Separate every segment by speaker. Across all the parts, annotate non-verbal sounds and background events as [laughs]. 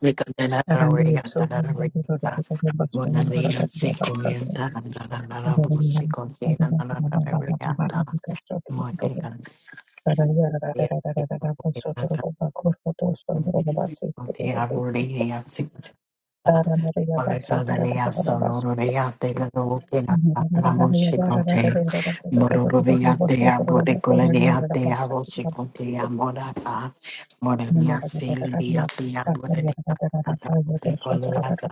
Speaker 1: Morena, Celia, Tia, Morena,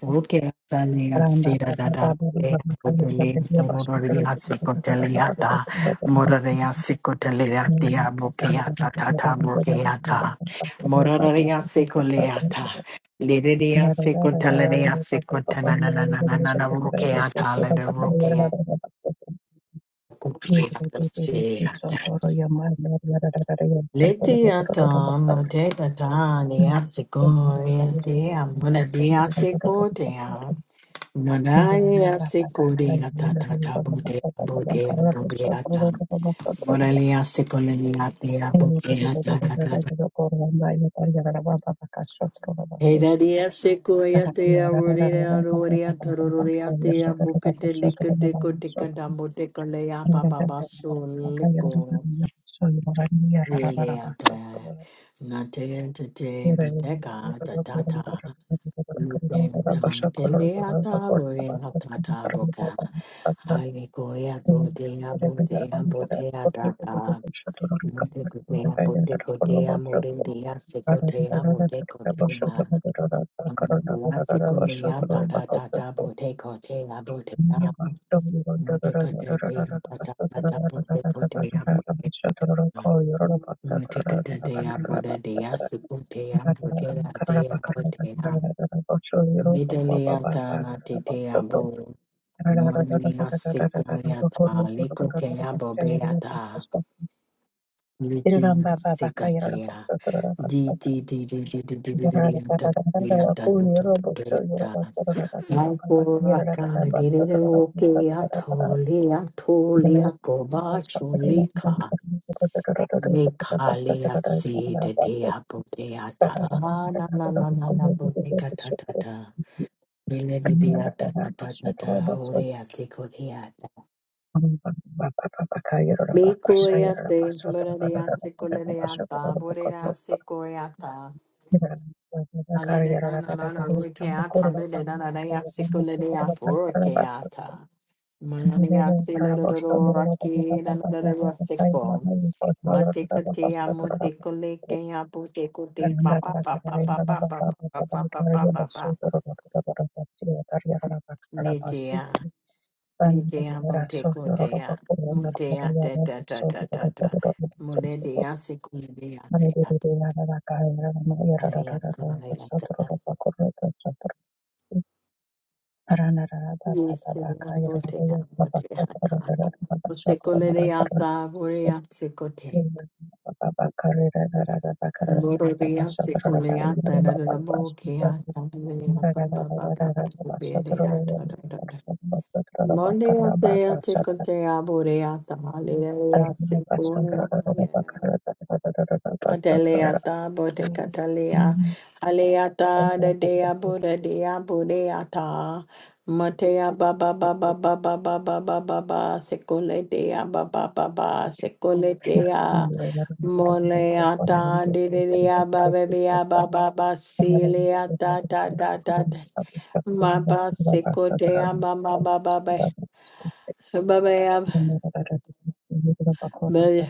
Speaker 1: Oke atalia sira dada bote botele torororia sikoteliata mororia sikoteliatia bukiata tata bukiata mororia sikoleata lideria sikoteleria sikotananananana bukiata lede bukiata Letiata mote patani atsikoriatia monadia sikotea Moralea se corea ta ta ta bote bote bobeata. Moralea se colenia te a botea ta ta ta ta. Era se coia te a rodea rodea tororea te a bucate licate cotica da bote colea papa basso lico. Vileata. Nate te te boteca ta ta Lutem tam teleata roea ta ta boca. Hare Goya Bodea Bodea Bodea Dada Monte Cotea Bote Cotea Morendia Secotea Bote Cotea Amadea Secolea Tata Tata Bote Cotea Botea Monte Cotea Tata Tata Bote Cotea Botea Monte Cotea Bodea Secotea Botea Dea Botea Vidaleata Tetea Bo. Morelia sequoyata, licotea bobeata, lichia secatea, d d d d d d d d d d d d d d Mi curiate, muradiate, curiata, burida, sicuriata. Alena, na, na, na, rukeata, lena, na, na, ya, siculia, rukeata. Maniate, little rocky, na, na, na, na, rosico. Maticatea, muticulica, puticuti, papa, papa, papa, papa, papa, papa, papa. Mitia, mitia, muticutea, mutia, ta, ta, ta, ta, ta, ta. Muredia, siculia, Monday, Adeleata Botecatalea Aleata de Dea Buddha Dea Budeata Matea Baba Baba Baba Baba Baba Baba Secole Dea Baba Baba Secole Dea Moleata de Dea Baba Bia Baba Basilia Ta Ta Ta Ta Ta. Maba Secotea Baba Baba Baba Baba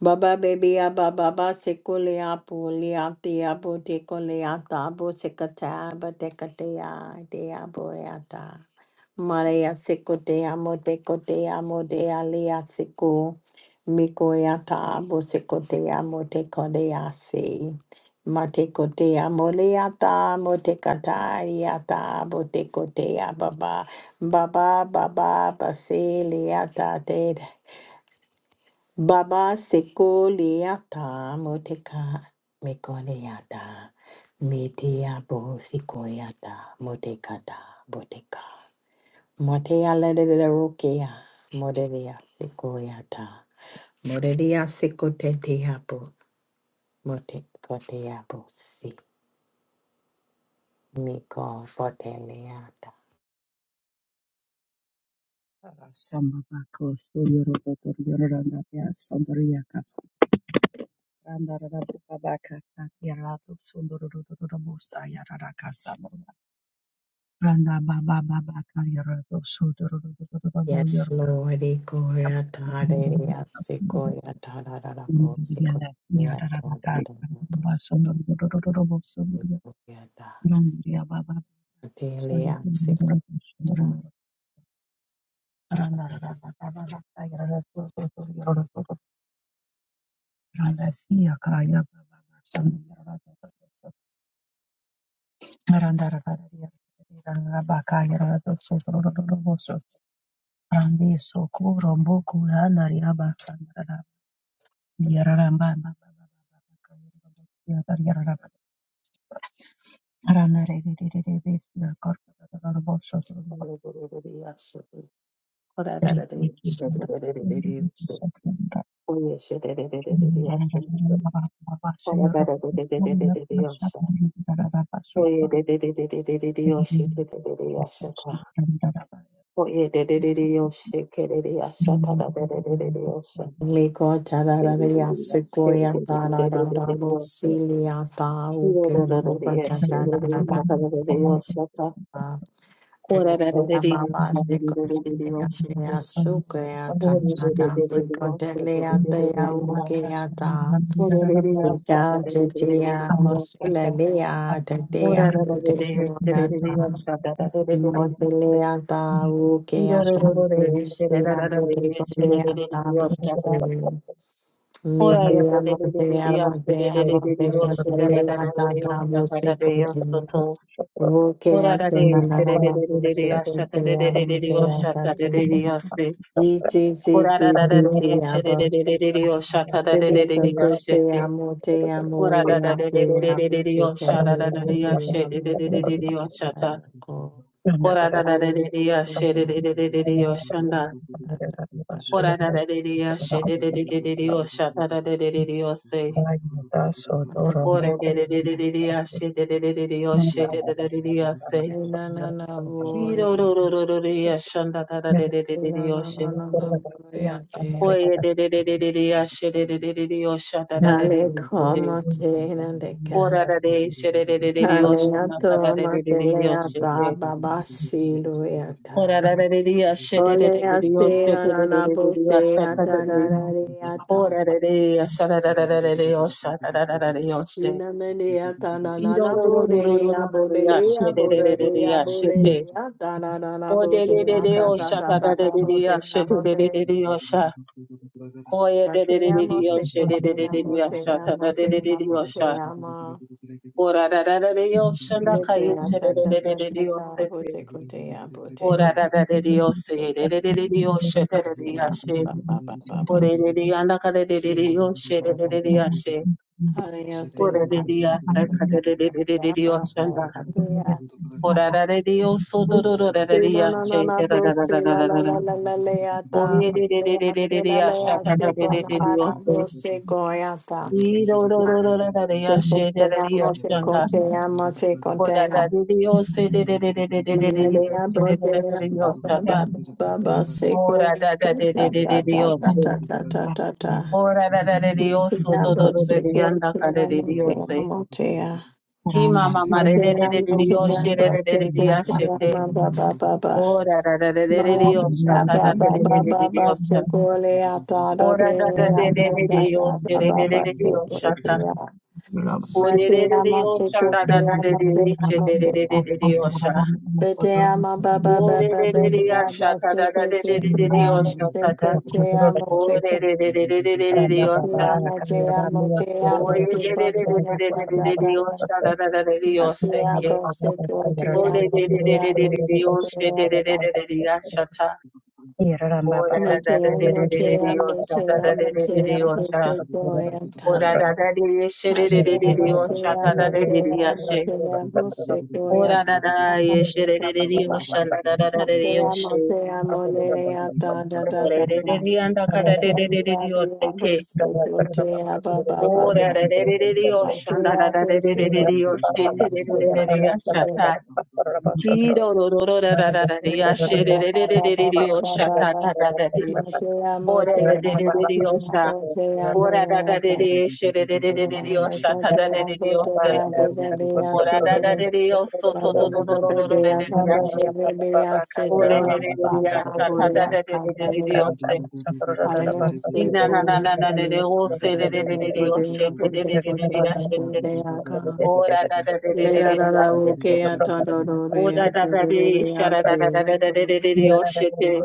Speaker 1: Baba baby aba baba sekule apu liati abu tekule ata abu sekata abu tekatea de abu ata. Malaya sekote amote kote amode alia seko. Miko yata abu sekote amote kode ase. Mate kote amole yata amote kata yata abu tekote ababa. Baba baba basile yata Baba sekoleata moteka mekoleata metea bo sikoyata motekata boteka motea lelele rokea modelia sekoyata modelia sekotetea bo motekotea bo si miko foteleata Yes, Lord, ikoyata delia sekoyata da da da bo sikoyata da da da bo Thank you.
Speaker 2: Yes, Ora
Speaker 1: Modelea Ukea Tabusia Modecolea Tabusia Mitia Motea Motea Modecolea Tabusico Wokea Tanana Busico Tea Motea Tabusico Giti Titi Titi Abba Bibika Pitia Motea
Speaker 2: Ora da da
Speaker 1: Molia
Speaker 2: de de de
Speaker 1: Pia
Speaker 2: de de de
Speaker 1: Busico
Speaker 2: osha da da da
Speaker 1: Pia
Speaker 2: de
Speaker 1: Pia
Speaker 2: osha
Speaker 3: Thank
Speaker 2: de de de de de
Speaker 1: Busico
Speaker 2: de osha ta. Ora da
Speaker 1: Pia
Speaker 2: da de de de osha
Speaker 1: Pia
Speaker 2: de de de de de de osha da.
Speaker 1: Pia
Speaker 2: Ora da da de de osha de de de de de de osha ta da de de de de osha.
Speaker 1: Hale
Speaker 2: Ora de de de de de de osha de de de de de osha de de de de de osha. Kiro ro ro ro ro de osha da da da de de de de de osha. Oye de de de de de de osha de de de de de osha da da de de de de.
Speaker 1: como tienen de ca.
Speaker 2: Ora da de osha de de de de de osha
Speaker 1: Hale a
Speaker 2: da da de de
Speaker 1: toma
Speaker 2: de de osha.
Speaker 1: teleata baba
Speaker 2: Ora
Speaker 1: silueta.
Speaker 2: ra ra re ri ashe re re
Speaker 1: Ole
Speaker 2: re
Speaker 1: a
Speaker 2: ri o se
Speaker 1: sila
Speaker 2: re
Speaker 1: na
Speaker 2: re
Speaker 1: na
Speaker 2: re re ri asha
Speaker 1: busea
Speaker 2: ta ta
Speaker 1: ta na
Speaker 2: re.
Speaker 1: na riata.
Speaker 2: Ora re re asha ra ra ra ra re re o sha ra ra ra ra
Speaker 3: you.
Speaker 2: re o se.
Speaker 1: Ina me
Speaker 3: Thank
Speaker 1: liata na
Speaker 2: I
Speaker 1: na
Speaker 2: ro
Speaker 1: na
Speaker 2: ro ro ro ro ro
Speaker 1: budelia
Speaker 2: ro ro ri ashe
Speaker 1: budelia
Speaker 2: re re re re ri
Speaker 1: budelia
Speaker 2: ashe te.
Speaker 1: budelia ta na na na
Speaker 2: O de re re
Speaker 1: budea
Speaker 2: re
Speaker 1: ta
Speaker 2: o
Speaker 1: ta
Speaker 2: sha
Speaker 1: ta
Speaker 2: ta ta
Speaker 1: ta
Speaker 2: re re ri
Speaker 1: ta
Speaker 2: ashe te re re
Speaker 1: budea
Speaker 2: re ri o sha. Ko e
Speaker 1: Ma
Speaker 2: re
Speaker 1: te
Speaker 2: re re re
Speaker 1: amo,
Speaker 2: ri o
Speaker 1: se
Speaker 2: she
Speaker 1: ko
Speaker 2: re
Speaker 1: te
Speaker 2: re re re
Speaker 1: amo,
Speaker 2: ri
Speaker 1: te
Speaker 2: asha ta
Speaker 1: amo,
Speaker 2: ta re
Speaker 1: te
Speaker 2: re re ri
Speaker 1: amo,
Speaker 2: o
Speaker 1: te
Speaker 2: sha.
Speaker 1: amo.
Speaker 2: Ora ra ra ra re o sha na
Speaker 1: Le
Speaker 2: ka
Speaker 1: te
Speaker 2: ye
Speaker 1: a
Speaker 2: she re
Speaker 1: ta
Speaker 2: re
Speaker 1: ta
Speaker 2: re re
Speaker 1: ta
Speaker 2: re
Speaker 1: ta
Speaker 2: ri o
Speaker 1: ta,
Speaker 2: se
Speaker 1: bo
Speaker 2: te.
Speaker 1: te ko te a, bo te
Speaker 2: Ora
Speaker 1: te.
Speaker 2: ra ra re
Speaker 1: te te
Speaker 2: ri o se
Speaker 1: te te.
Speaker 2: re re re re ri o she te
Speaker 1: Ko
Speaker 2: re
Speaker 1: te
Speaker 2: ri
Speaker 1: a,
Speaker 2: ashe.
Speaker 1: ba ba ba ba ba. si.
Speaker 2: Orerere anda karerere yoshe rerere yashe.
Speaker 1: Hare a te amo,
Speaker 2: Orerere yanda
Speaker 1: ba ba
Speaker 2: karerere
Speaker 1: ba
Speaker 2: yoshe anda.
Speaker 1: ba te a.
Speaker 2: Orarare yoso dororo
Speaker 1: Se
Speaker 2: rerere
Speaker 1: na na na
Speaker 2: yashe.
Speaker 1: na
Speaker 3: you.
Speaker 1: bo se la la la
Speaker 2: Rerararararara.
Speaker 1: la
Speaker 3: Thank
Speaker 1: la le a ta. Ma te a se
Speaker 2: Orerere
Speaker 1: la le
Speaker 2: yashe
Speaker 1: se ko na
Speaker 2: karerere
Speaker 1: na na bo
Speaker 2: yoshe.
Speaker 1: se ko e
Speaker 2: Irorororo rerere
Speaker 1: Se
Speaker 2: yashe
Speaker 1: contea,
Speaker 2: rerere yoshe
Speaker 1: se
Speaker 2: anda.
Speaker 1: contea, se contea.
Speaker 2: Orarare yose rerere
Speaker 1: Maria
Speaker 2: yoshe
Speaker 1: brotea,
Speaker 2: rerere
Speaker 1: ba
Speaker 2: yoshe
Speaker 1: ba Baba, Baba, Seco,
Speaker 2: Orarareri yosu dorororereri anda.
Speaker 1: Ta, Ta,
Speaker 2: Orarare
Speaker 1: Ta, Ta, Ta,
Speaker 2: yoshe.
Speaker 1: Ta, Ta, Ta, Ta.
Speaker 2: Orarare yoso
Speaker 1: Maria
Speaker 2: dororo rerere
Speaker 1: Boseco,
Speaker 2: yanda
Speaker 1: Tia,
Speaker 2: karerere
Speaker 1: Motea,
Speaker 2: yoshe.
Speaker 1: Motea.
Speaker 2: Ki mama ma re re re
Speaker 1: Maria
Speaker 2: re re re yo
Speaker 1: Motea,
Speaker 2: she re re re re re
Speaker 1: Boseco,
Speaker 2: ya she te.
Speaker 1: ba ba Baba, Baba.
Speaker 2: Ora ra ra ra re re re re yo sha
Speaker 1: Maria,
Speaker 2: ta ta
Speaker 1: Baba,
Speaker 2: te re re
Speaker 1: Baba,
Speaker 2: re re re yo
Speaker 1: Baba,
Speaker 2: sha.
Speaker 1: Seco, Lea, Ta, Ta, Ta,
Speaker 2: Ora ta ta re
Speaker 1: Ta,
Speaker 2: re
Speaker 1: Ta,
Speaker 2: re re yo she
Speaker 1: Ta, Ta,
Speaker 2: re
Speaker 1: Ta, ba
Speaker 2: re re
Speaker 1: ba
Speaker 2: re re
Speaker 1: se
Speaker 3: Zugada
Speaker 2: yo sha ta.
Speaker 1: contea.
Speaker 2: O re re re re
Speaker 1: Madhyama
Speaker 2: yo sha da da da re
Speaker 1: Chikotyama
Speaker 2: re re she
Speaker 1: Tyama
Speaker 2: re re re re
Speaker 1: Tyam.
Speaker 2: re re yo sha.
Speaker 1: Vidyama Baba
Speaker 2: O
Speaker 1: Baba
Speaker 2: re re re re ya sha
Speaker 1: Vidyama
Speaker 2: ta da da re re re re re yo
Speaker 1: Chikotyama
Speaker 2: sha ta ta.
Speaker 1: Chikotyama
Speaker 2: O re
Speaker 1: Chikotyama
Speaker 2: re re re re re re re re yo sha.
Speaker 1: Tyama Tyama
Speaker 2: O re re re re re re
Speaker 1: Chikotyama
Speaker 2: re re
Speaker 1: Baba
Speaker 2: re re yo
Speaker 1: baba
Speaker 2: sha da da da re re yo se ke.
Speaker 1: Madhyama Chikotyama
Speaker 2: Oh,
Speaker 1: Tyama Chikotyama Madhyama Chikotyama Chikotyama Chikotyama Matera
Speaker 2: Ora da de de de diosha. Ora da da de de she de de de de de diosha. Ta da de de diose. Ora da da de dioso.
Speaker 1: Bye.
Speaker 2: To do do do do do do de de diashe. Ore de de de diasha. Ta da da de de de de diose. Ina na na na na de de ose de de de de dioshe. Te de de de de diashe te. Ora da da de de de de diashe te. Ora da da de sha da da da da da da de de de dioshe te.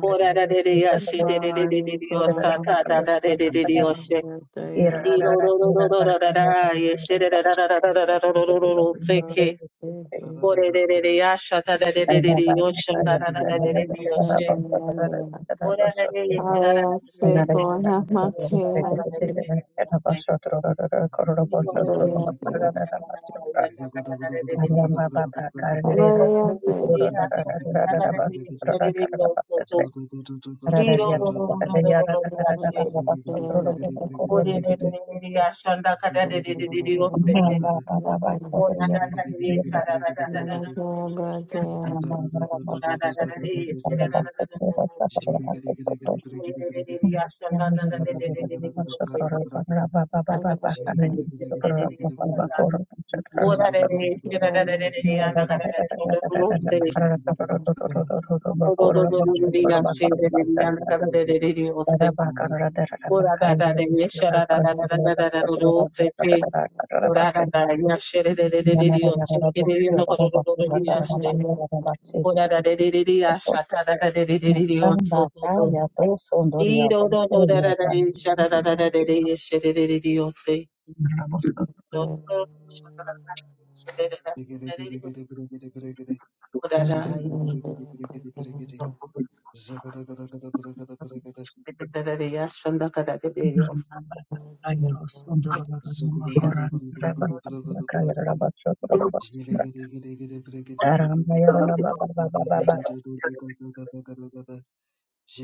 Speaker 2: Ora da de de diashe de de de de de diosa. Ta da da de de de dioshe. Ore
Speaker 1: Thank
Speaker 3: Zulu
Speaker 2: Ora da da ya shere de de de de de yo che de de no ko do do do do ya Ora Da de de de de asha da da da de de de de de o so do do. Di do do do da da da de sha da da da da de de she de de de de o se. Do do sha da da da de she de de da
Speaker 3: Zhiggy,
Speaker 2: da de de o se. Do da da ai. Do do do. She de da da de asha da ka da de de de o so.
Speaker 1: you.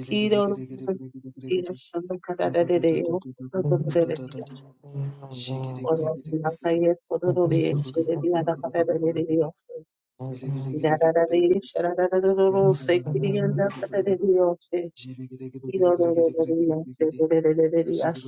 Speaker 2: Ki do do do de asha da ka da
Speaker 1: Molia
Speaker 2: da Hero Ora
Speaker 3: Zugu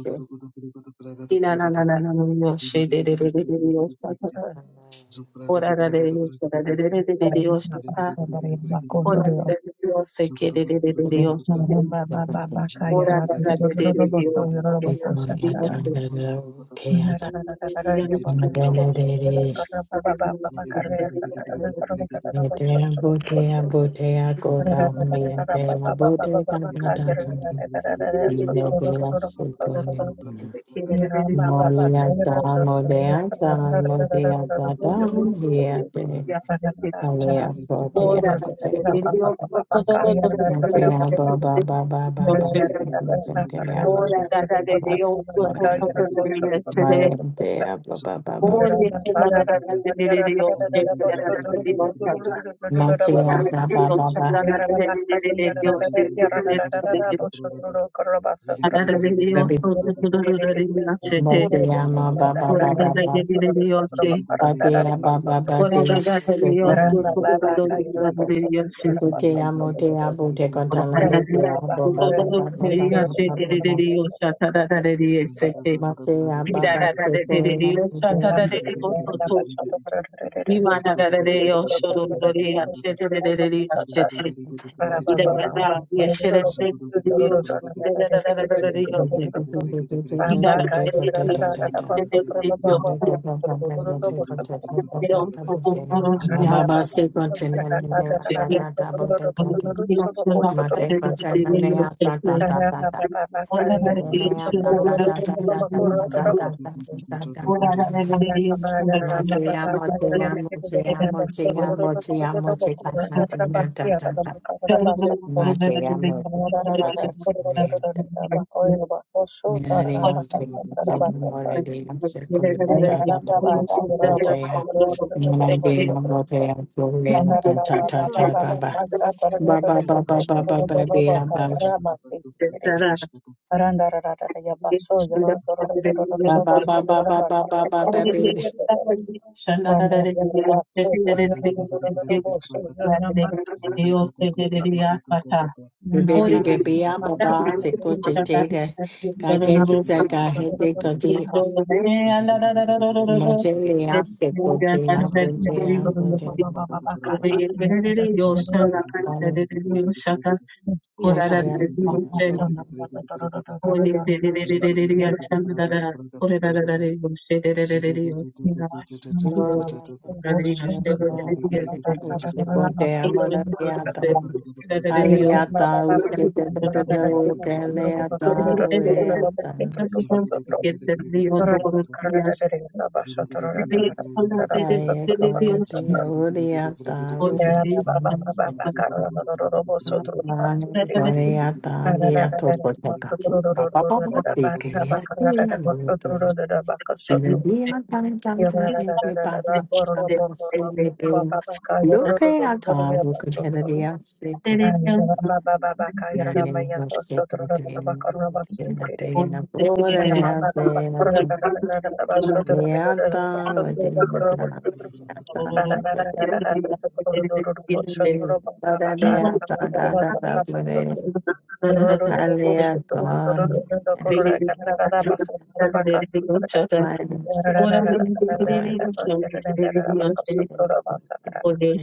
Speaker 2: Oh,
Speaker 3: Thank
Speaker 2: that they also told
Speaker 1: Mantenha ba ba ba ba ba ba mantenha ba ba ba
Speaker 2: yesterday.
Speaker 1: mantenha ba ba ba ba
Speaker 2: oh,
Speaker 1: mantenha ba ba ba ba baby
Speaker 2: Dios,
Speaker 1: mantenha ma ba ba ba ba ba
Speaker 2: Yes,
Speaker 1: mantenha ba ba ba mantenha teko teko mantenha mantenha bo teko
Speaker 3: you.
Speaker 1: thala de mantenha ba ba ba ba
Speaker 3: Ziggy
Speaker 1: ba ba ba ba ba ba mantenha ba ba teko ya mantenha ba ba ba ba ba Baba se contenna
Speaker 2: Thank
Speaker 1: nera ta ta ta bo te conten. Ma te contenna nea ta ta ta ta ta. Ma te nea ta ta ta ta ta ta ta ta ta ta ta ta ta ta. Ma te amo te amo te amo te amo te amo te ta ta ta ta ta ta. Ma te amo te amo te amo Minaria sekiyo moledia sekuma tata tata sekotea. Minaria
Speaker 2: you.
Speaker 1: motea kulea tata tata baba. Baba baba baba baby baba. Baba baba baba baba baby. Baby baby baba sekote tete. Kageki seka hede kote. Motelia sekote apote apote. Baby
Speaker 2: Yoshana
Speaker 3: Ziggy,
Speaker 2: Thank
Speaker 3: Thank
Speaker 1: Look at our
Speaker 2: you. Thank
Speaker 1: book of Hennedy, I say, come Thank you.
Speaker 2: you. Thank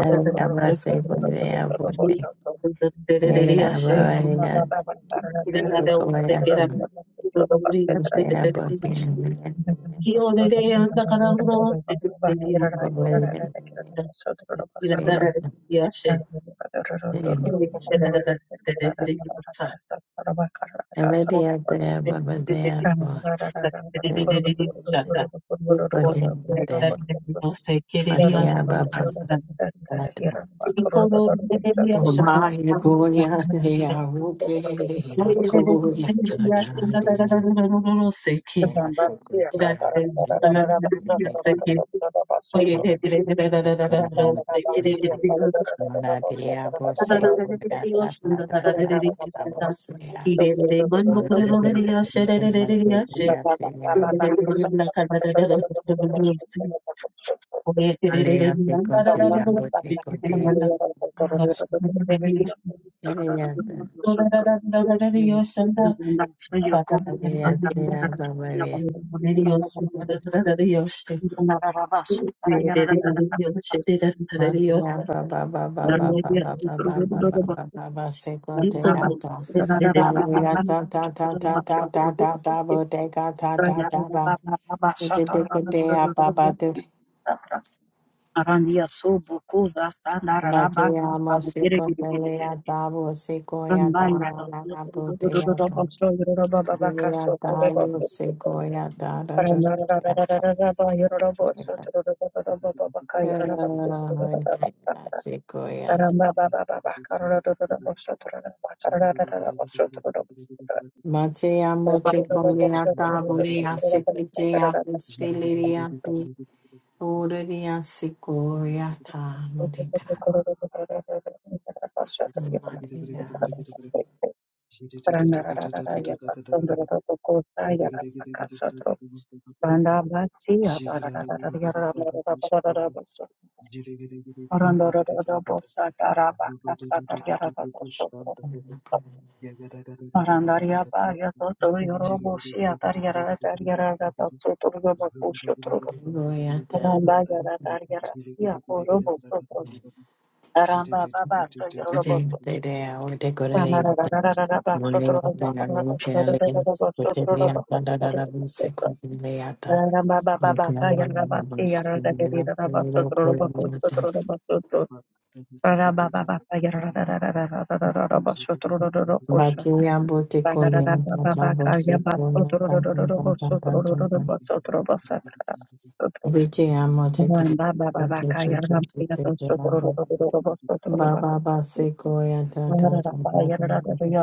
Speaker 1: Era, baba, era, te comía todo. Thank you.
Speaker 2: I
Speaker 1: Malaria bose kuyata patata abosea. Malaria mtuma kutulia tenia.
Speaker 2: don't know. Praise
Speaker 1: Alea
Speaker 2: the
Speaker 1: te kontena bote kontena. Ilea te. Alea te ababawe. Makia baba baba baba baba baba baba baba se kontena ta. Alea ta ta ta ta ta ta ta ta bote ka ta ta ta ba. Bhagiyama siko peleya tabu siko ya dana na na bote ya ka. Peleya tabu
Speaker 3: you.
Speaker 1: siko ya da da da ya
Speaker 3: Jivra
Speaker 1: da. Siko ya da. Mateyamo siko peleya tabu ya siko ya pusili ya ti. Uri ya siko ya ta mudika. Mateya.
Speaker 3: Thank
Speaker 1: Go ya ta. Ordained the day, or decorated of them. Bati amo te kore, te te te te te Ba ba ba se ko ya ta ta ta ta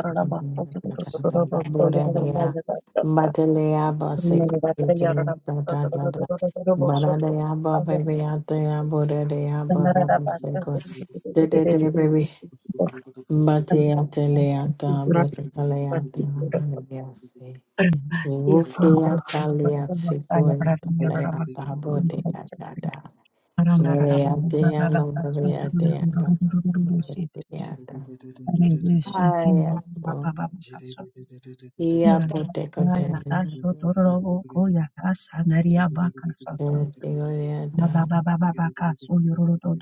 Speaker 3: you.
Speaker 1: ta
Speaker 3: Thank
Speaker 1: ta Batelea ba se ko te ta ta ta ta Balalea ba baby ya te ya borerea ba ba ba se ko de de de baby Batea te lea ta bo te kalea ta hallelujah se Rupia talia se ko ya ta lea ta bo te ya ta Glory,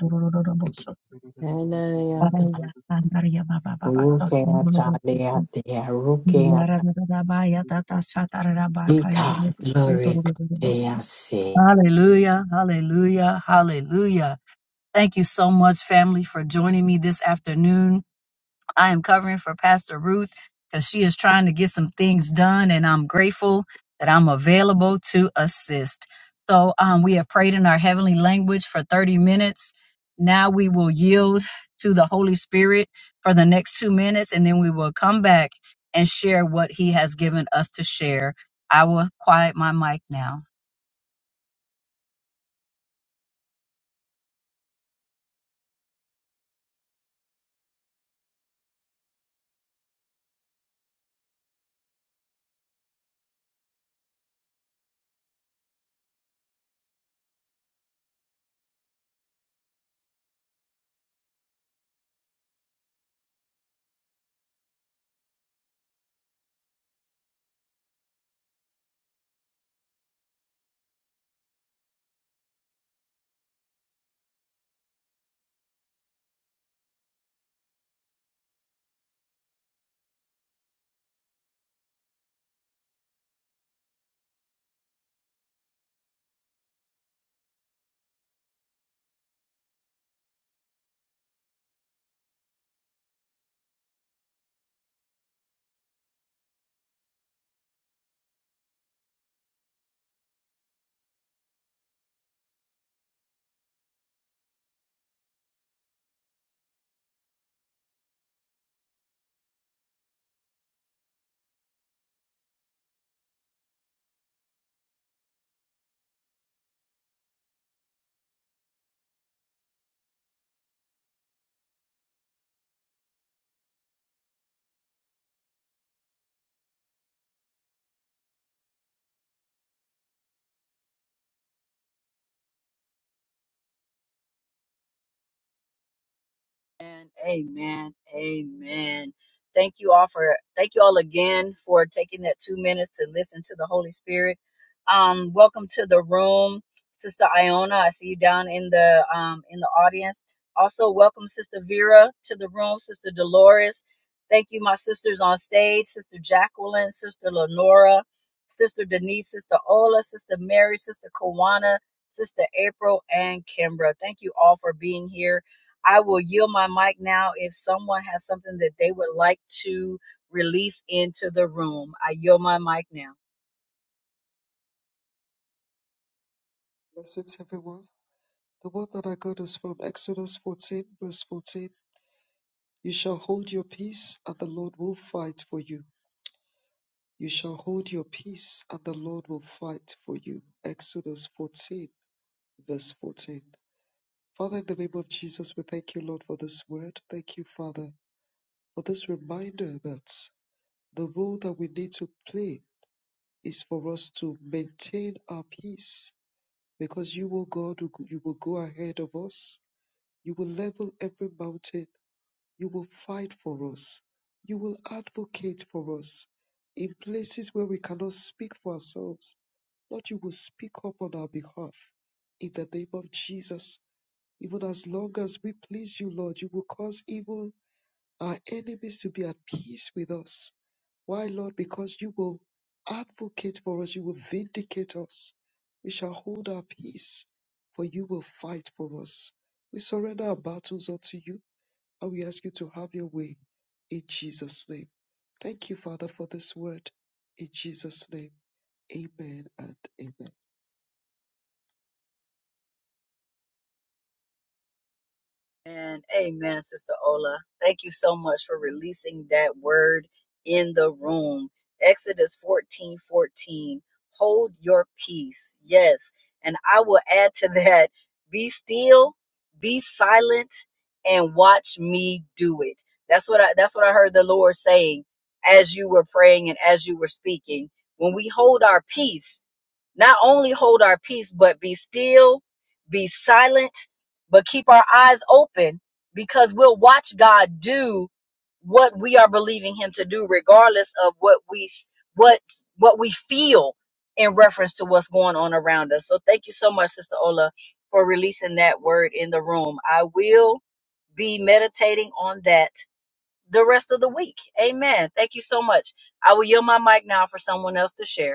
Speaker 3: you.
Speaker 4: Amen. Amen. Amen. Thank you all for thank you all again for taking that two minutes to listen to the Holy Spirit. Um, welcome to the room, Sister Iona. I see you down in the um in the audience. Also, welcome Sister Vera to the room, Sister Dolores. Thank you, my sisters on stage, Sister Jacqueline, Sister Lenora, Sister Denise, Sister Ola, Sister Mary, Sister Kawana, Sister April, and Kimbra. Thank you all for being here I will yield my mic now if someone has something that they would like to release into the room. I yield my mic now.
Speaker 3: Blessings, everyone. The one that I got is from Exodus 14, verse 14. You shall hold your peace, and the Lord will fight for you. You shall hold your peace, and the Lord will fight for you. Exodus 14, verse 14. Father, in the name of Jesus, we thank you, Lord, for this word. Thank you, Father, for this reminder that the role that we need to play is for us to maintain our peace because you, O God, will- you will go ahead of us. You will level every mountain. You will fight for us. You will advocate for us in places where we cannot speak for ourselves. Lord, you will speak up on our behalf in the name of Jesus. Even as long as we please you, Lord, you will cause even our enemies to be at peace with us why, Lord? Because you will advocate for us, you will vindicate us. We shall hold our peace, for you will fight for us. We surrender our battles unto you, and we ask you to have your way in Jesus' name. Thank you, Father, for this word. In Jesus' name, amen and amen.
Speaker 4: And amen, Sister Ola. Thank you so much for releasing that word in the room. Exodus 14 14. Hold your peace. Yes. And I will add to that be still, be silent, and watch me do it. That's what I that's what I heard the Lord saying as you were praying and as you were speaking. When we hold our peace, not only hold our peace, but be still, be silent, but keep our eyes open because we'll watch God do what we are believing him to do regardless of what we what what we feel in reference to what's going on around us so thank you so much sister ola for releasing that word in the room i will be meditating on that the rest of the week amen thank you so much i will yield my mic now for someone else to share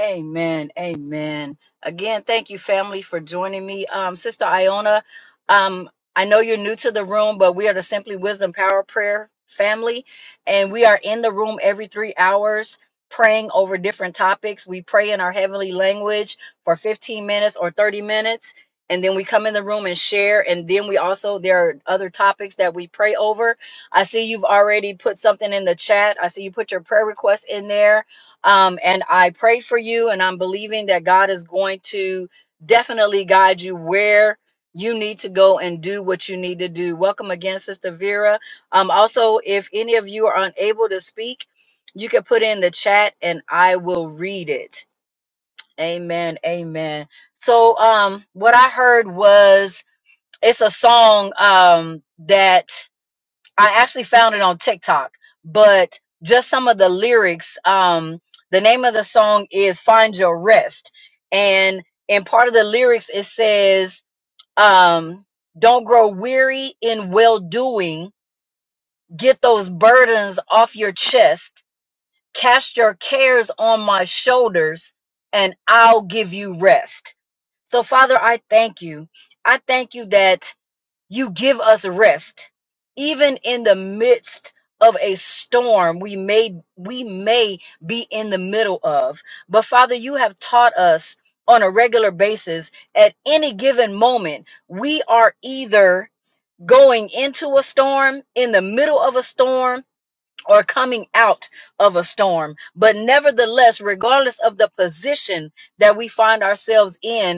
Speaker 4: Amen. Amen. Again, thank you, family, for joining me. Um, Sister Iona, um, I know you're new to the room, but we are the Simply Wisdom Power Prayer family, and we are in the room every three hours praying over different topics. We pray in our heavenly language for 15 minutes or 30 minutes, and then we come in the room and share. And then we also, there are other topics that we pray over. I see you've already put something in the chat. I see you put your prayer request in there um, and I pray for you, and I'm believing that God is going to definitely guide you where you need to go and do what you need to do. Welcome again, Sister Vera. Um, also, if any of you are unable to speak, you can put in the chat and I will read it. Amen. Amen. So, um, what I heard was it's a song um, that I actually found it on TikTok, but just some of the lyrics. Um, the name of the song is "Find Your Rest," and in part of the lyrics it says, um, "Don't grow weary in well doing. Get those burdens off your chest. Cast your cares on my shoulders, and I'll give you rest." So, Father, I thank you. I thank you that you give us rest. Even in the midst of a storm we may we may be in the middle of. But Father, you have taught us on a regular basis at any given moment, we are either going into a storm, in the middle of a storm, or coming out of a storm. But nevertheless, regardless of the position that we find ourselves in,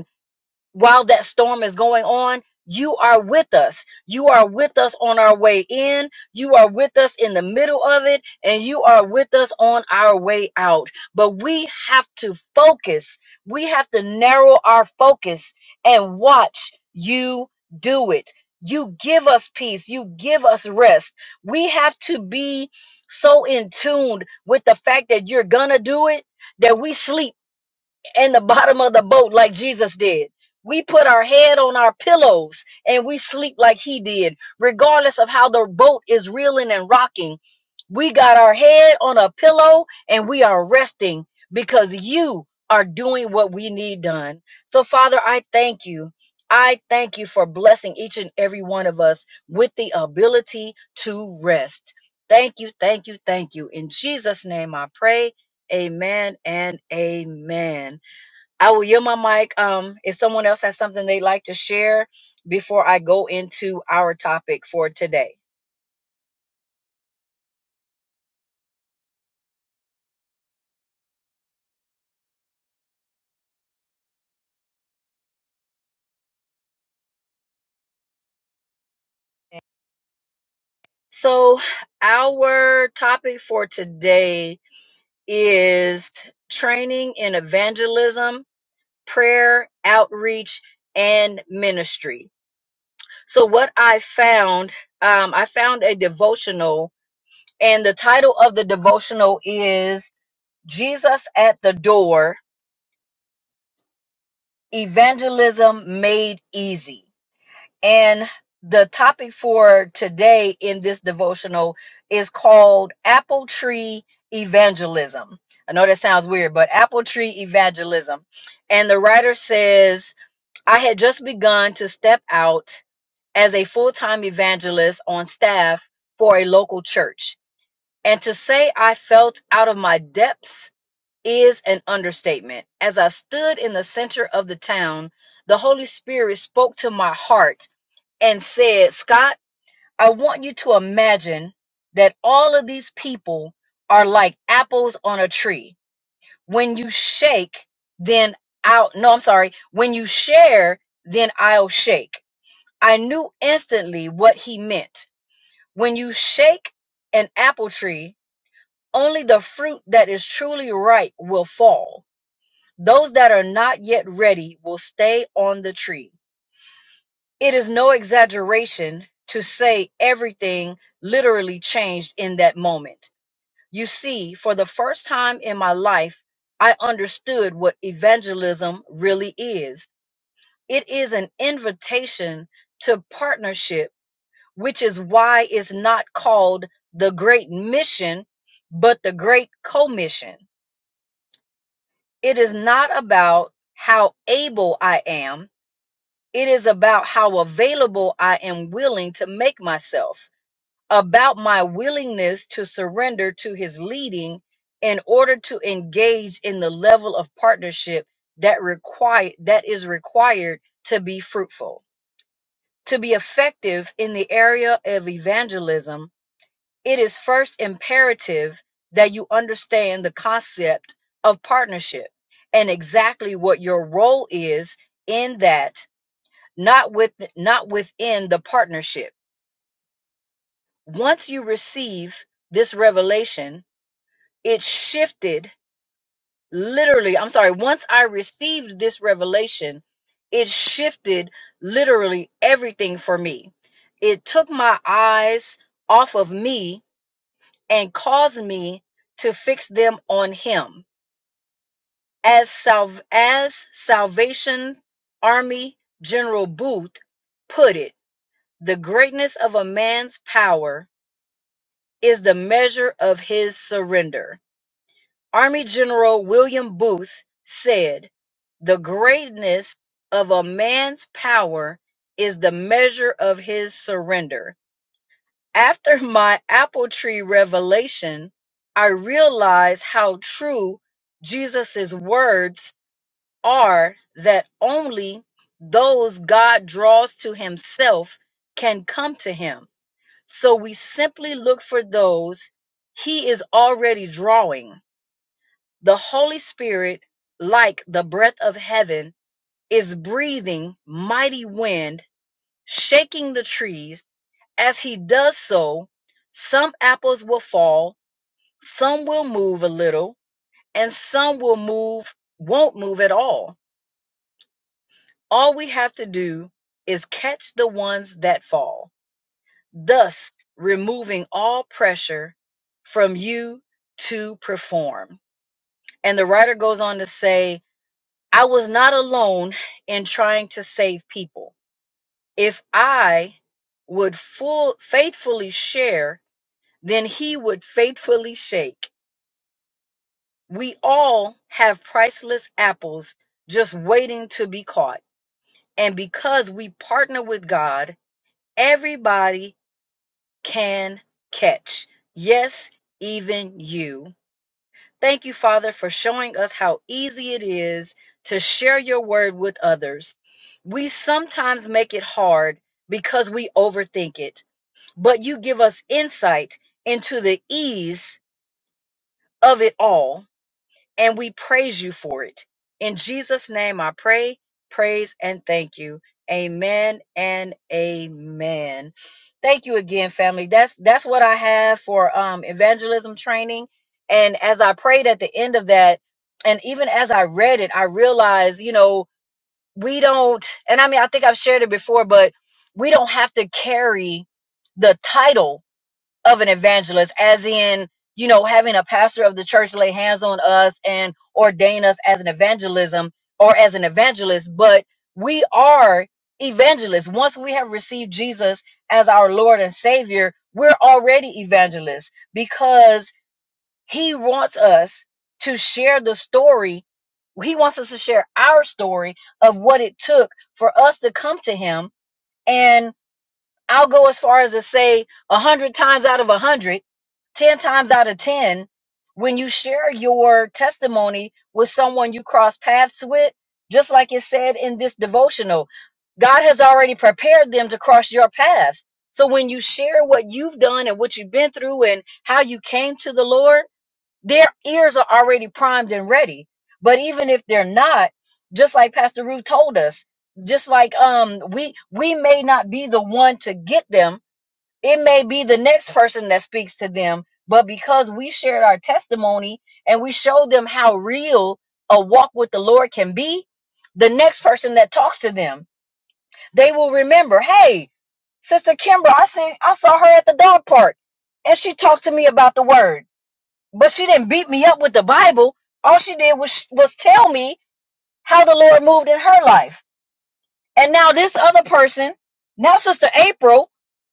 Speaker 4: while that storm is going on, you are with us. You are with us on our way in. You are with us in the middle of it, and you are with us on our way out. But we have to focus. We have to narrow our focus and watch you do it. You give us peace. You give us rest. We have to be so in tune with the fact that you're going to do it that we sleep in the bottom of the boat like Jesus did. We put our head on our pillows and we sleep like he did, regardless of how the boat is reeling and rocking. We got our head on a pillow and we are resting because you are doing what we need done. So, Father, I thank you. I thank you for blessing each and every one of us with the ability to rest. Thank you, thank you, thank you. In Jesus' name I pray. Amen and amen. I will yield my mic. Um, if someone else has something they'd like to share before I go into our topic for today. So, our topic for today is training in evangelism, prayer, outreach, and ministry. So, what I found, um, I found a devotional, and the title of the devotional is Jesus at the Door Evangelism Made Easy And the topic for today in this devotional is called Apple Tree Evangelism. I know that sounds weird, but Apple Tree Evangelism. And the writer says, I had just begun to step out as a full time evangelist on staff for a local church. And to say I felt out of my depths is an understatement. As I stood in the center of the town, the Holy Spirit spoke to my heart and said, Scott, I want you to imagine that all of these people are like apples on a tree. When you shake, then I'll, no, I'm sorry. When you share, then I'll shake. I knew instantly what he meant. When you shake an apple tree, only the fruit that is truly ripe will fall. Those that are not yet ready will stay on the tree. It is no exaggeration to say everything literally changed in that moment. You see, for the first time in my life, I understood what evangelism really is. It is an invitation to partnership, which is why it's not called the Great Mission, but the Great Commission. It is not about how able I am, it is about how available I am willing to make myself. about my willingness to surrender to his leading in order to engage in the level of partnership that require that is required to be fruitful to be effective in the area of evangelism it is first imperative that you understand the concept of partnership and exactly what your role is in that not with not within the partnership once you receive this revelation it shifted literally i'm sorry once i received this revelation it shifted literally everything for me it took my eyes off of me and caused me to fix them on him as salv as salvation army general booth put it the greatness of a man's power is the measure of his surrender Army General William Booth said, The greatness of a man's power is the measure of his surrender. After my apple tree revelation, I realized how true Jesus' words are that only those God draws to himself can come to him. So we simply look for those he is already drawing. The Holy Spirit, like the breath of heaven, is breathing mighty wind, shaking the trees. As he does so, some apples will fall, some will move a little, and some will move, won't move at all. All we have to do is catch the ones that fall, thus removing all pressure from you to perform. And the writer goes on to say, I was not alone in trying to save people. If I would full, faithfully share, then he would faithfully shake. We all have priceless apples just waiting to be caught. And because we partner with God, everybody can catch. Yes, even you. Thank you, Father, for showing us how easy it is to share your word with others. We sometimes make it hard because we overthink it, but you give us insight into the ease of it all and we praise you for it. In Jesus' name I pray, praise, and thank you. Amen and amen. Thank you again, family. That's that's what I have for um evangelism training. And as I prayed at the end of that, and even as I read it, I realized, you know, we don't, and I mean I think I've shared it before, but we don't have to carry the title of an evangelist as in you know having a pastor of the church lay hands on us and ordain us as an evangelism or as an evangelist but we are evangelists once we have received jesus as our lord and savior we're already evangelists because he wants us to share the story he wants us to share our story of what it took for us to come to him and I'll go as far as to say a hundred times out of a hundred, ten times out of ten, when you share your testimony with someone you cross paths with, just like it said in this devotional, God has already prepared them to cross your path. So when you share what you've done and what you've been through and how you came to the Lord, their ears are already primed and ready. But even if they're not, just like Pastor Ruth told us, just like um we we may not be the one to get them. It may be the next person that speaks to them, but because we shared our testimony and we showed them how real a walk with the Lord can be, the next person that talks to them, they will remember, hey, Sister Kimber, I seen I saw her at the dog park and she talked to me about the word but she didn't beat me up with the Bible. All she did was was tell me how the Lord moved in her life. And now this other person, now Sister April,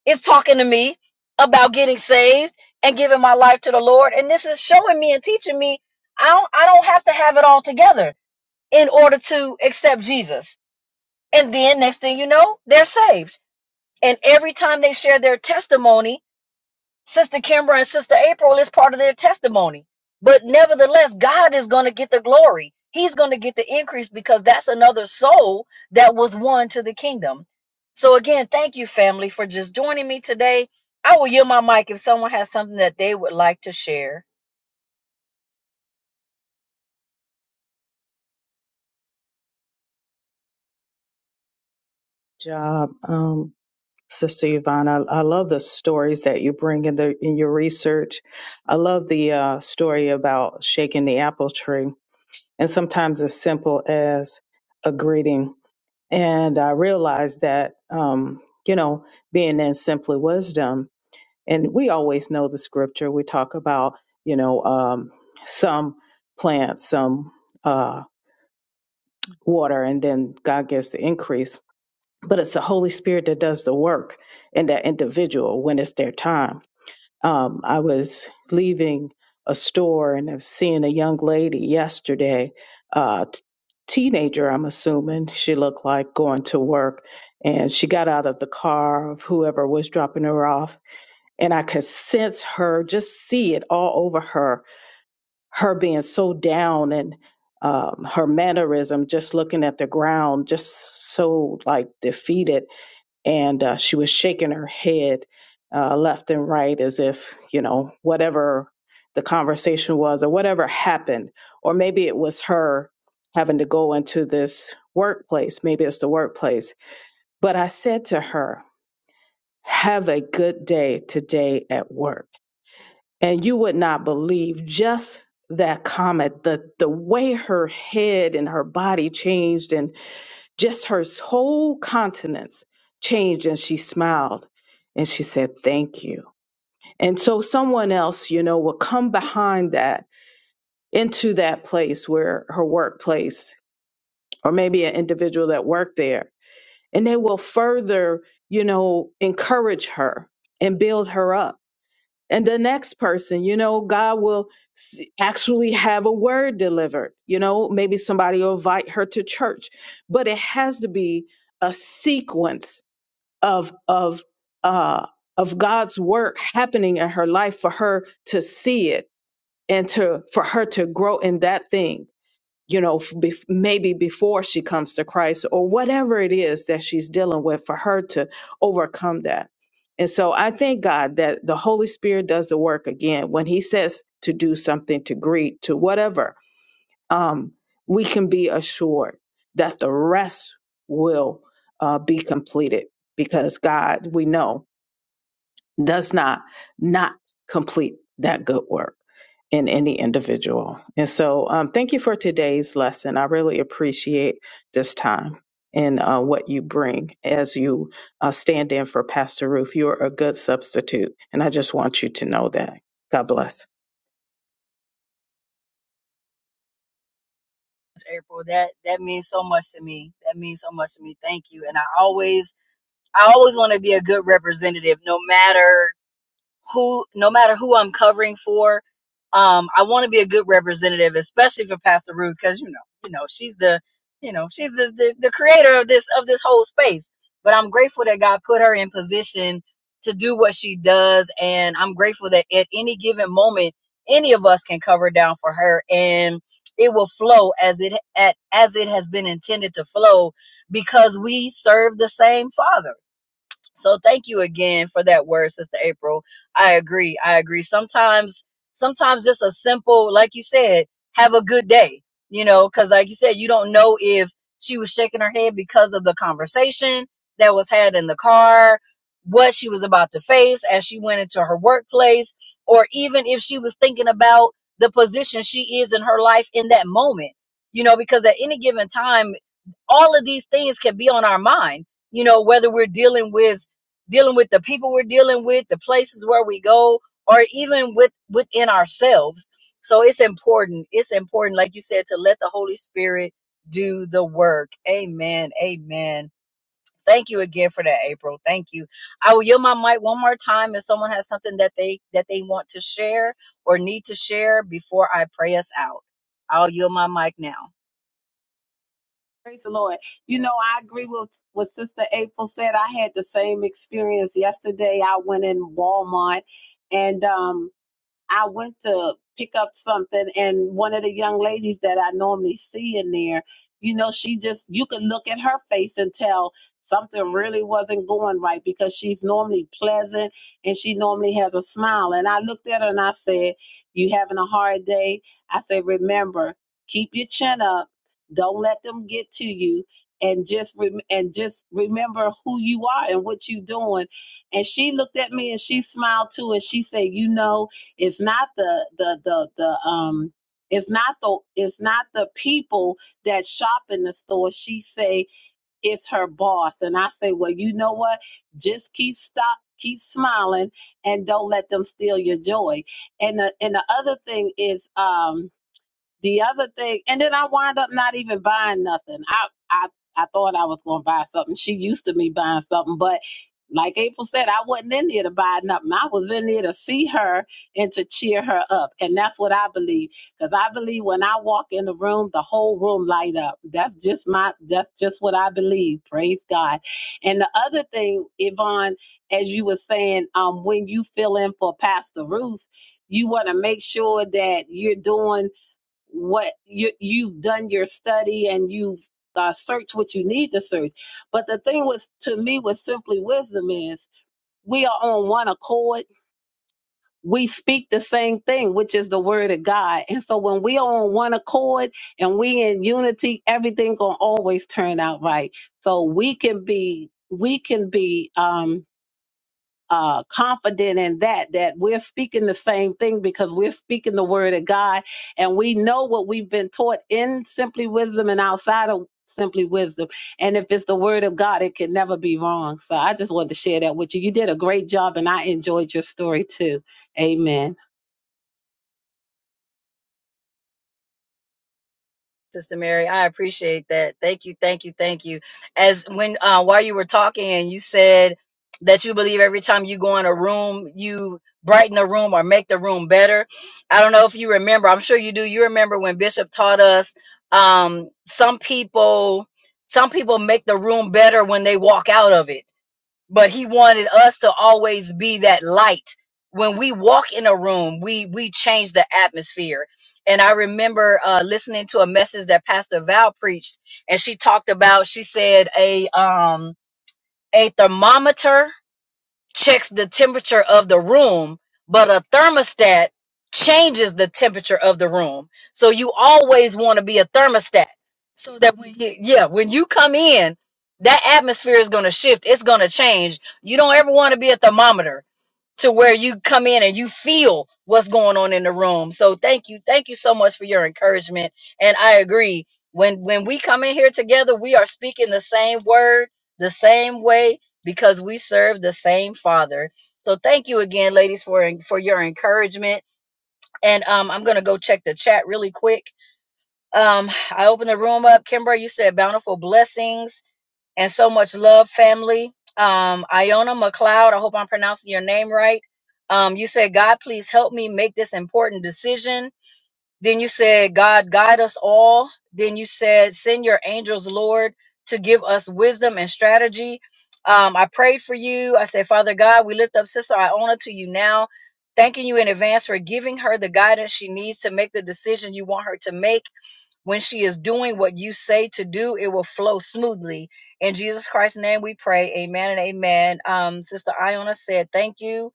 Speaker 4: is talking to me about getting saved and giving my life to the Lord. And this is showing me and teaching me I don't I don't have to have it all together in order to accept Jesus. And then next thing you know, they're saved. And every time they share their testimony Sister Kimbra and Sister April is part of their testimony. But nevertheless, God is going to get the glory. He's going to get the increase because that's another soul that was won to the kingdom. So again, thank you, family, for just joining me today. I will yield my mic if someone has something that they would like to share.
Speaker 5: job, um, Sister Yvonne. I, I love the stories that you bring in the in your research. I love the uh, story about shaking the apple tree, and sometimes as simple as a greeting. And I realized that um, you know, being in simply wisdom, and we always know the scripture. We talk about you know um, some plants, some uh, water, and then God gets the increase but it's the Holy Spirit that does the work in that individual when it's their time. Um, I was leaving a store and I've seen a young lady yesterday, uh, t- teenager, I'm assuming she looked like going to work, and she got out of the car of whoever was dropping her off, and I could sense her, just see it all over her, her being so down and um, her mannerism, just looking at the ground, just so like defeated and uh, she was shaking her head uh, left and right as if you know whatever the conversation was or whatever happened or maybe it was her having to go into this workplace maybe it's the workplace but i said to her have a good day today at work and you would not believe just that comment the the way her head and her body changed and just her whole countenance changed and she smiled and she said, Thank you. And so someone else, you know, will come behind that into that place where her workplace or maybe an individual that worked there, and they will further, you know, encourage her and build her up. And the next person, you know, God will s- actually have a word delivered. You know, maybe somebody will invite her to church, but it has to be a sequence of of uh of God's work happening in her life for her to see it and to for her to grow in that thing you know f- bef- maybe before she comes to Christ or whatever it is that she's dealing with for her to overcome that and so I thank God that the Holy Spirit does the work again when he says to do something to greet to whatever um, we can be assured that the rest will uh, be completed because God, we know, does not not complete that good work in any individual. And so, um, thank you for today's lesson. I really appreciate this time and uh, what you bring as you uh, stand in for Pastor Ruth. You're a good substitute, and I just want you to know that. God bless.
Speaker 4: April, that that means so much to me. That means so much to me. Thank you. And I always I always want to be a good representative, no matter who no matter who I'm covering for, um, I want to be a good representative, especially for Pastor Ruth, because you know, you know, she's the you know, she's the, the, the creator of this of this whole space. But I'm grateful that God put her in position to do what she does, and I'm grateful that at any given moment, any of us can cover down for her, and it will flow as it at, as it has been intended to flow, because we serve the same Father so thank you again for that word, Sister April. I agree. I agree. Sometimes, sometimes just a simple, like you said, have a good day, you know, cause like you said, you don't know if she was shaking her head because of the conversation that was had in the car, what she was about to face as she went into her workplace, or even if she was thinking about the position she is in her life in that moment, you know, because at any given time, all of these things can be on our mind you know whether we're dealing with dealing with the people we're dealing with the places where we go or even with within ourselves so it's important it's important like you said to let the holy spirit do the work amen amen thank you again for that april thank you i will yield my mic one more time if someone has something that they that they want to share or need to share before i pray us out i'll yield my mic now
Speaker 2: Lord. You know, I agree with what Sister April said. I had the same experience yesterday. I went in Walmart and um I went to pick up something, and one of the young ladies that I normally see in there, you know, she just, you could look at her face and tell something really wasn't going right because she's normally pleasant and she normally has a smile. And I looked at her and I said, You having a hard day? I said, Remember, keep your chin up, don't let them get to you. And just rem- and just remember who you are and what you're doing. And she looked at me and she smiled too, and she said, "You know, it's not the the the the um it's not the it's not the people that shop in the store. She say it's her boss. And I say, Well, you know what? Just keep stop keep smiling and don't let them steal your joy. And the and the other thing is um the other thing, and then I wind up not even buying nothing. I I I thought I was gonna buy something. She used to me buying something, but like April said, I wasn't in there to buy nothing. I was in there to see her and to cheer her up, and that's what I believe. Because I believe when I walk in the room, the whole room light up. That's just my. That's just what I believe. Praise God. And the other thing, Yvonne, as you were saying, um, when you fill in for Pastor Ruth, you want to make sure that you're doing what you you've done your study and you've uh, searched what you need to search. But the thing was to me with simply wisdom is we are on one accord. We speak the same thing, which is the word of God. And so when we are on one accord and we in unity, everything gonna always turn out right. So we can be we can be um uh, confident in that, that we're speaking the same thing because we're speaking the word of God and we know what we've been taught in Simply Wisdom and outside of Simply Wisdom. And if it's the word of God, it can never be wrong. So I just wanted to share that with you. You did a great job and I enjoyed your story too. Amen.
Speaker 4: Sister Mary, I appreciate that. Thank you, thank you, thank you. As when uh, while you were talking and you said that you believe every time you go in a room, you brighten the room or make the room better. I don't know if you remember. I'm sure you do. You remember when Bishop taught us um, some people some people make the room better when they walk out of it but he wanted us to always be that light when we walk in a room we we change the atmosphere and i remember uh, listening to a message that pastor val preached and she talked about she said a um a thermometer checks the temperature of the room, but a thermostat changes the temperature of the room. So you always want to be a thermostat so that when you, yeah, when you come in, that atmosphere is going to shift. It's going to change. You don't ever want to be a thermometer to where you come in and you feel what's going on in the room. So thank you. Thank you so much for your encouragement. And I agree. When when we come in here together, we are speaking the same word, the same way because we serve the same Father. So thank you again ladies for for your encouragement. And um I'm going to go check the chat really quick. Um I opened the room up. Kimber, you said bountiful blessings and so much love, family. Um, Iona McLeod, I hope I'm pronouncing your name right. Um, you said, God, please help me make this important decision. Then you said, God, guide us all. Then you said, send your angels, Lord, to give us wisdom and strategy. Um, I prayed for you. I said, Father God, we lift up Sister Iona to you now, thanking you in advance for giving her the guidance she needs to make the decision you want her to make. When she is doing what you say to do, it will flow smoothly. In Jesus Christ's name we pray. Amen and amen. Um, Sister Iona said, Thank you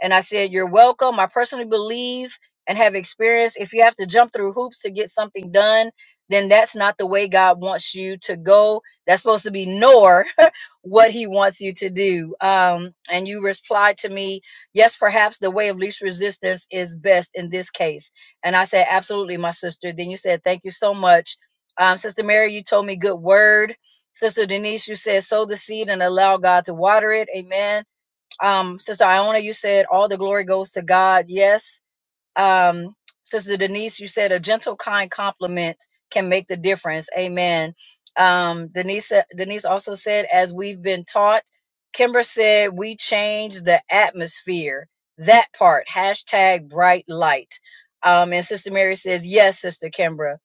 Speaker 4: and I said, You're welcome. I personally believe and have experienced if you have to jump through hoops to get something done, then that's not the way God wants you to go. That's supposed to be nor [laughs] what He wants you to do. Um, and you replied to me, Yes, perhaps the way of least resistance is best in this case. And I said, Absolutely, my sister. Then you said, Thank you so much. Um, sister Mary, you told me good word. Sister Denise, you said, Sow the seed and allow God to water it. Amen um, Sister Iona, you said all the glory goes to God. Yes. Um, Sister Denise, you said a gentle, kind compliment can make the difference. Amen. Um, Denise, uh, Denise also said, as we've been taught, Kimber said, we change the atmosphere. That part, hashtag bright light. Um, and Sister Mary says, yes, Sister Kimbra.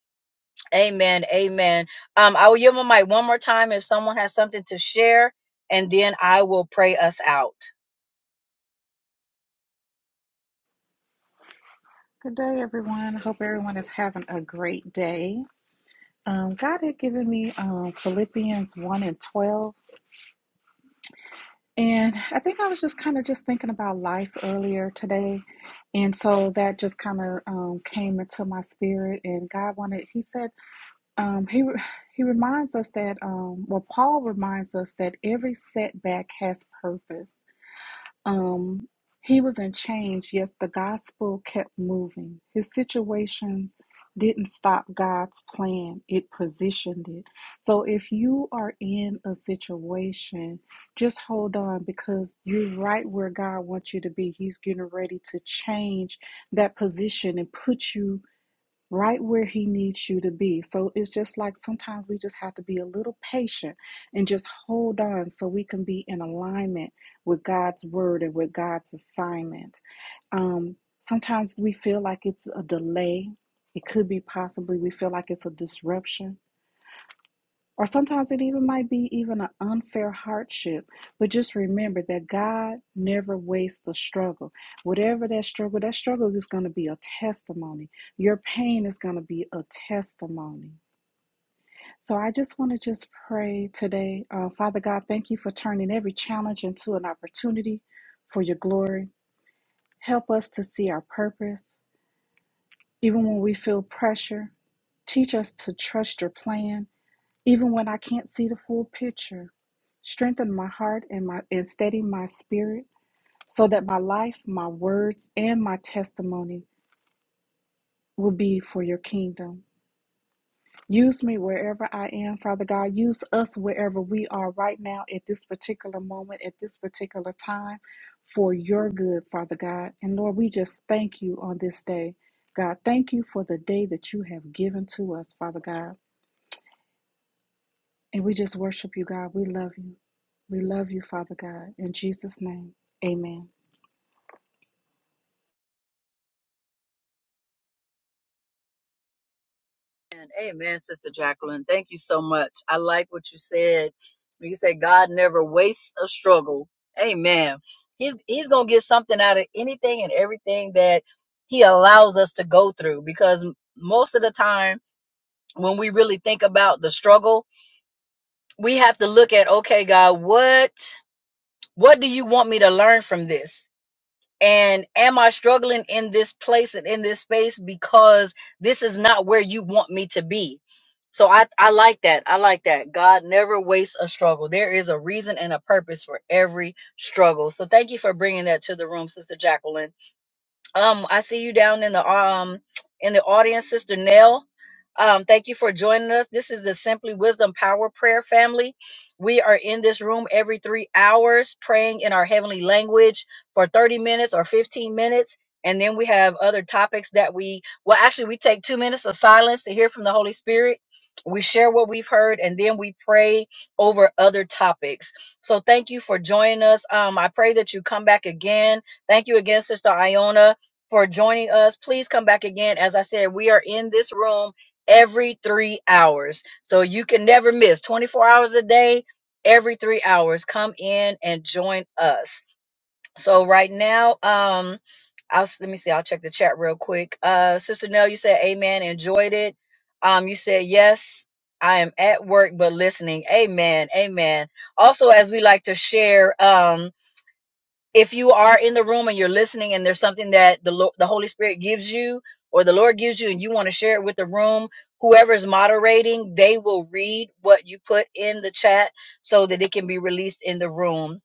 Speaker 4: Amen. Amen. Um, I will yield my mic one more time if someone has something to share, and then I will pray us out.
Speaker 6: Good day, everyone. I hope everyone is having a great day. Um, God had given me um, Philippians 1 and 12. And I think I was just kind of just thinking about life earlier today. And so that just kind of um, came into my spirit. And God wanted, He said, um, He He reminds us that, um, well, Paul reminds us that every setback has purpose. Um, he was in chains, yes, the gospel kept moving. His situation didn't stop God's plan, it positioned it. So if you are in a situation, just hold on because you're right where God wants you to be. He's getting ready to change that position and put you right where he needs you to be. So it's just like sometimes we just have to be a little patient and just hold on so we can be in alignment with God's word and with God's assignment. Um, sometimes we feel like it's a delay. It could be possibly we feel like it's a disruption or sometimes it even might be even an unfair hardship. But just remember that God never wastes the struggle. Whatever that struggle, that struggle is going to be a testimony. Your pain is going to be a testimony. So I just want to just pray today. Uh, Father God, thank you for turning every challenge into an opportunity for your glory. Help us to see our purpose, even when we feel pressure. Teach us to trust your plan even when I can't see the full picture, strengthen my heart and my and steady my spirit so that my life, my words, and my testimony will be for your kingdom. Use me wherever I am, Father God. Use us wherever we are right now at this particular moment, at this particular time, for your good, Father God. And Lord, we just thank you on this day. God, thank you for the day that you have given to us, Father God. And we just worship you, God. We love you. We love you, Father God. In Jesus' name, amen.
Speaker 4: Amen. Amen, Sister Jacqueline. Thank you so much. I like what you said. When You say God never wastes a struggle. Amen. He's he's gonna get something out of anything and everything that he allows us to go through because m- most of the time when we really think about the struggle, we have to look at okay, God, what what do you want me to learn from this? And am I struggling in this place and in this space because this is not where you want me to be? So I, I like that. I like that. God never wastes a struggle. There is a reason and a purpose for every struggle. So thank you for bringing that to the room, Sister Jacqueline. Um, I see you down in the um in the audience, Sister Nell. Um, thank you for joining us. This is the Simply Wisdom Power Prayer Family. We are in this room every three hours, praying in our heavenly language for 30 minutes or 15 minutes. And then we have other topics that we, well, actually, we take two minutes of silence to hear from the Holy Spirit. We share what we've heard and then we pray over other topics. So thank you for joining us. Um, I pray that you come back again. Thank you again, Sister Iona for joining us. Please come back again. As I said, we are in this room every three hours. So you can never miss 24 hours a day, every three hours. Come in and join us. So right now, um, I'll let me see, I'll check the chat real quick. Uh Sister Nell, you said amen, enjoyed it. Um, you said yes. I am at work but listening. Amen. Amen. Also, as we like to share, um, if you are in the room and you're listening and there's something that the Lo- the Holy Spirit gives you or the Lord gives you and you want to share it with the room, whoever is moderating, they will read what you put in the chat so that it can be released in the room.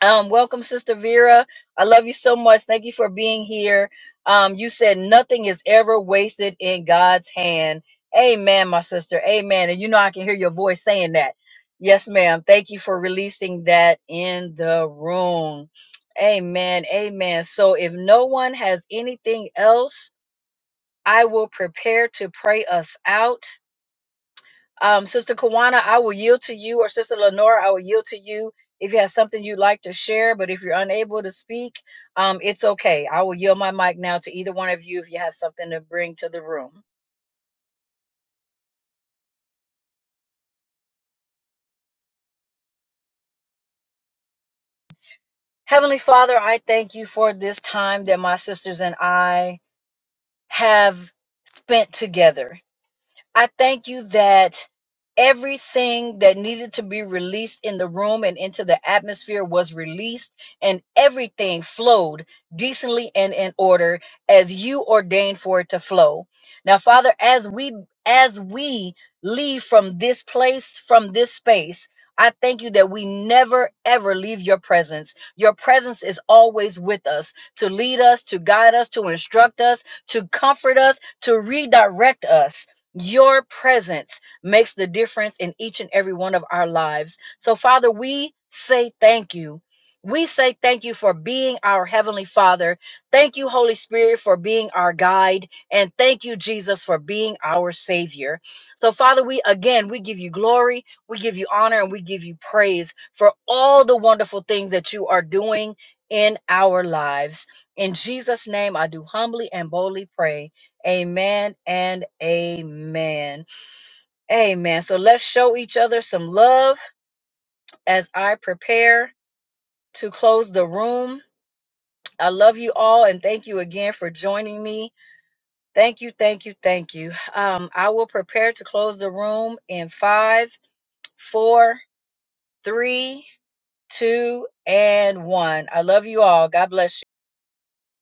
Speaker 4: Um, welcome, Sister Vera. I love you so much. Thank you for being here. Um, you said nothing is ever wasted in God's hand. Amen, my sister. Amen. And you know I can hear your voice saying that. Yes, ma'am. Thank you for releasing that in the room. Amen. Amen. So if no one has anything else, I will prepare to pray us out. Um, Sister Kawana, I will yield to you, or Sister Lenora, I will yield to you if you have something you'd like to share. But if you're unable to speak, um, it's okay. I will yield my mic now to either one of you if you have something to bring to the room. Heavenly Father, I thank you for this time that my sisters and I have spent together. I thank you that everything that needed to be released in the room and into the atmosphere was released, and everything flowed decently and in order as you ordained for it to flow. Now, Father, as we as we leave from this place, from this space, I thank you that we never ever leave your presence. Your presence is always with us to lead us, to guide us, to instruct us, to comfort us, to redirect us. Your presence makes the difference in each and every one of our lives. So, Father, we say thank you. We say thank you for being our Heavenly Father. Thank you, Holy Spirit, for being our guide. And thank you, Jesus, for being our Savior. So, Father, we again, we give you glory, we give you honor, and we give you praise for all the wonderful things that you are doing in our lives. In Jesus' name, I do humbly and boldly pray. Amen and amen. Amen. So let's show each other some love as I prepare to close the room. I love you all and thank you again for joining me. Thank you, thank you, thank you. Um, I will prepare to close the room in five, four, three, two, and one. I love you all. God bless you.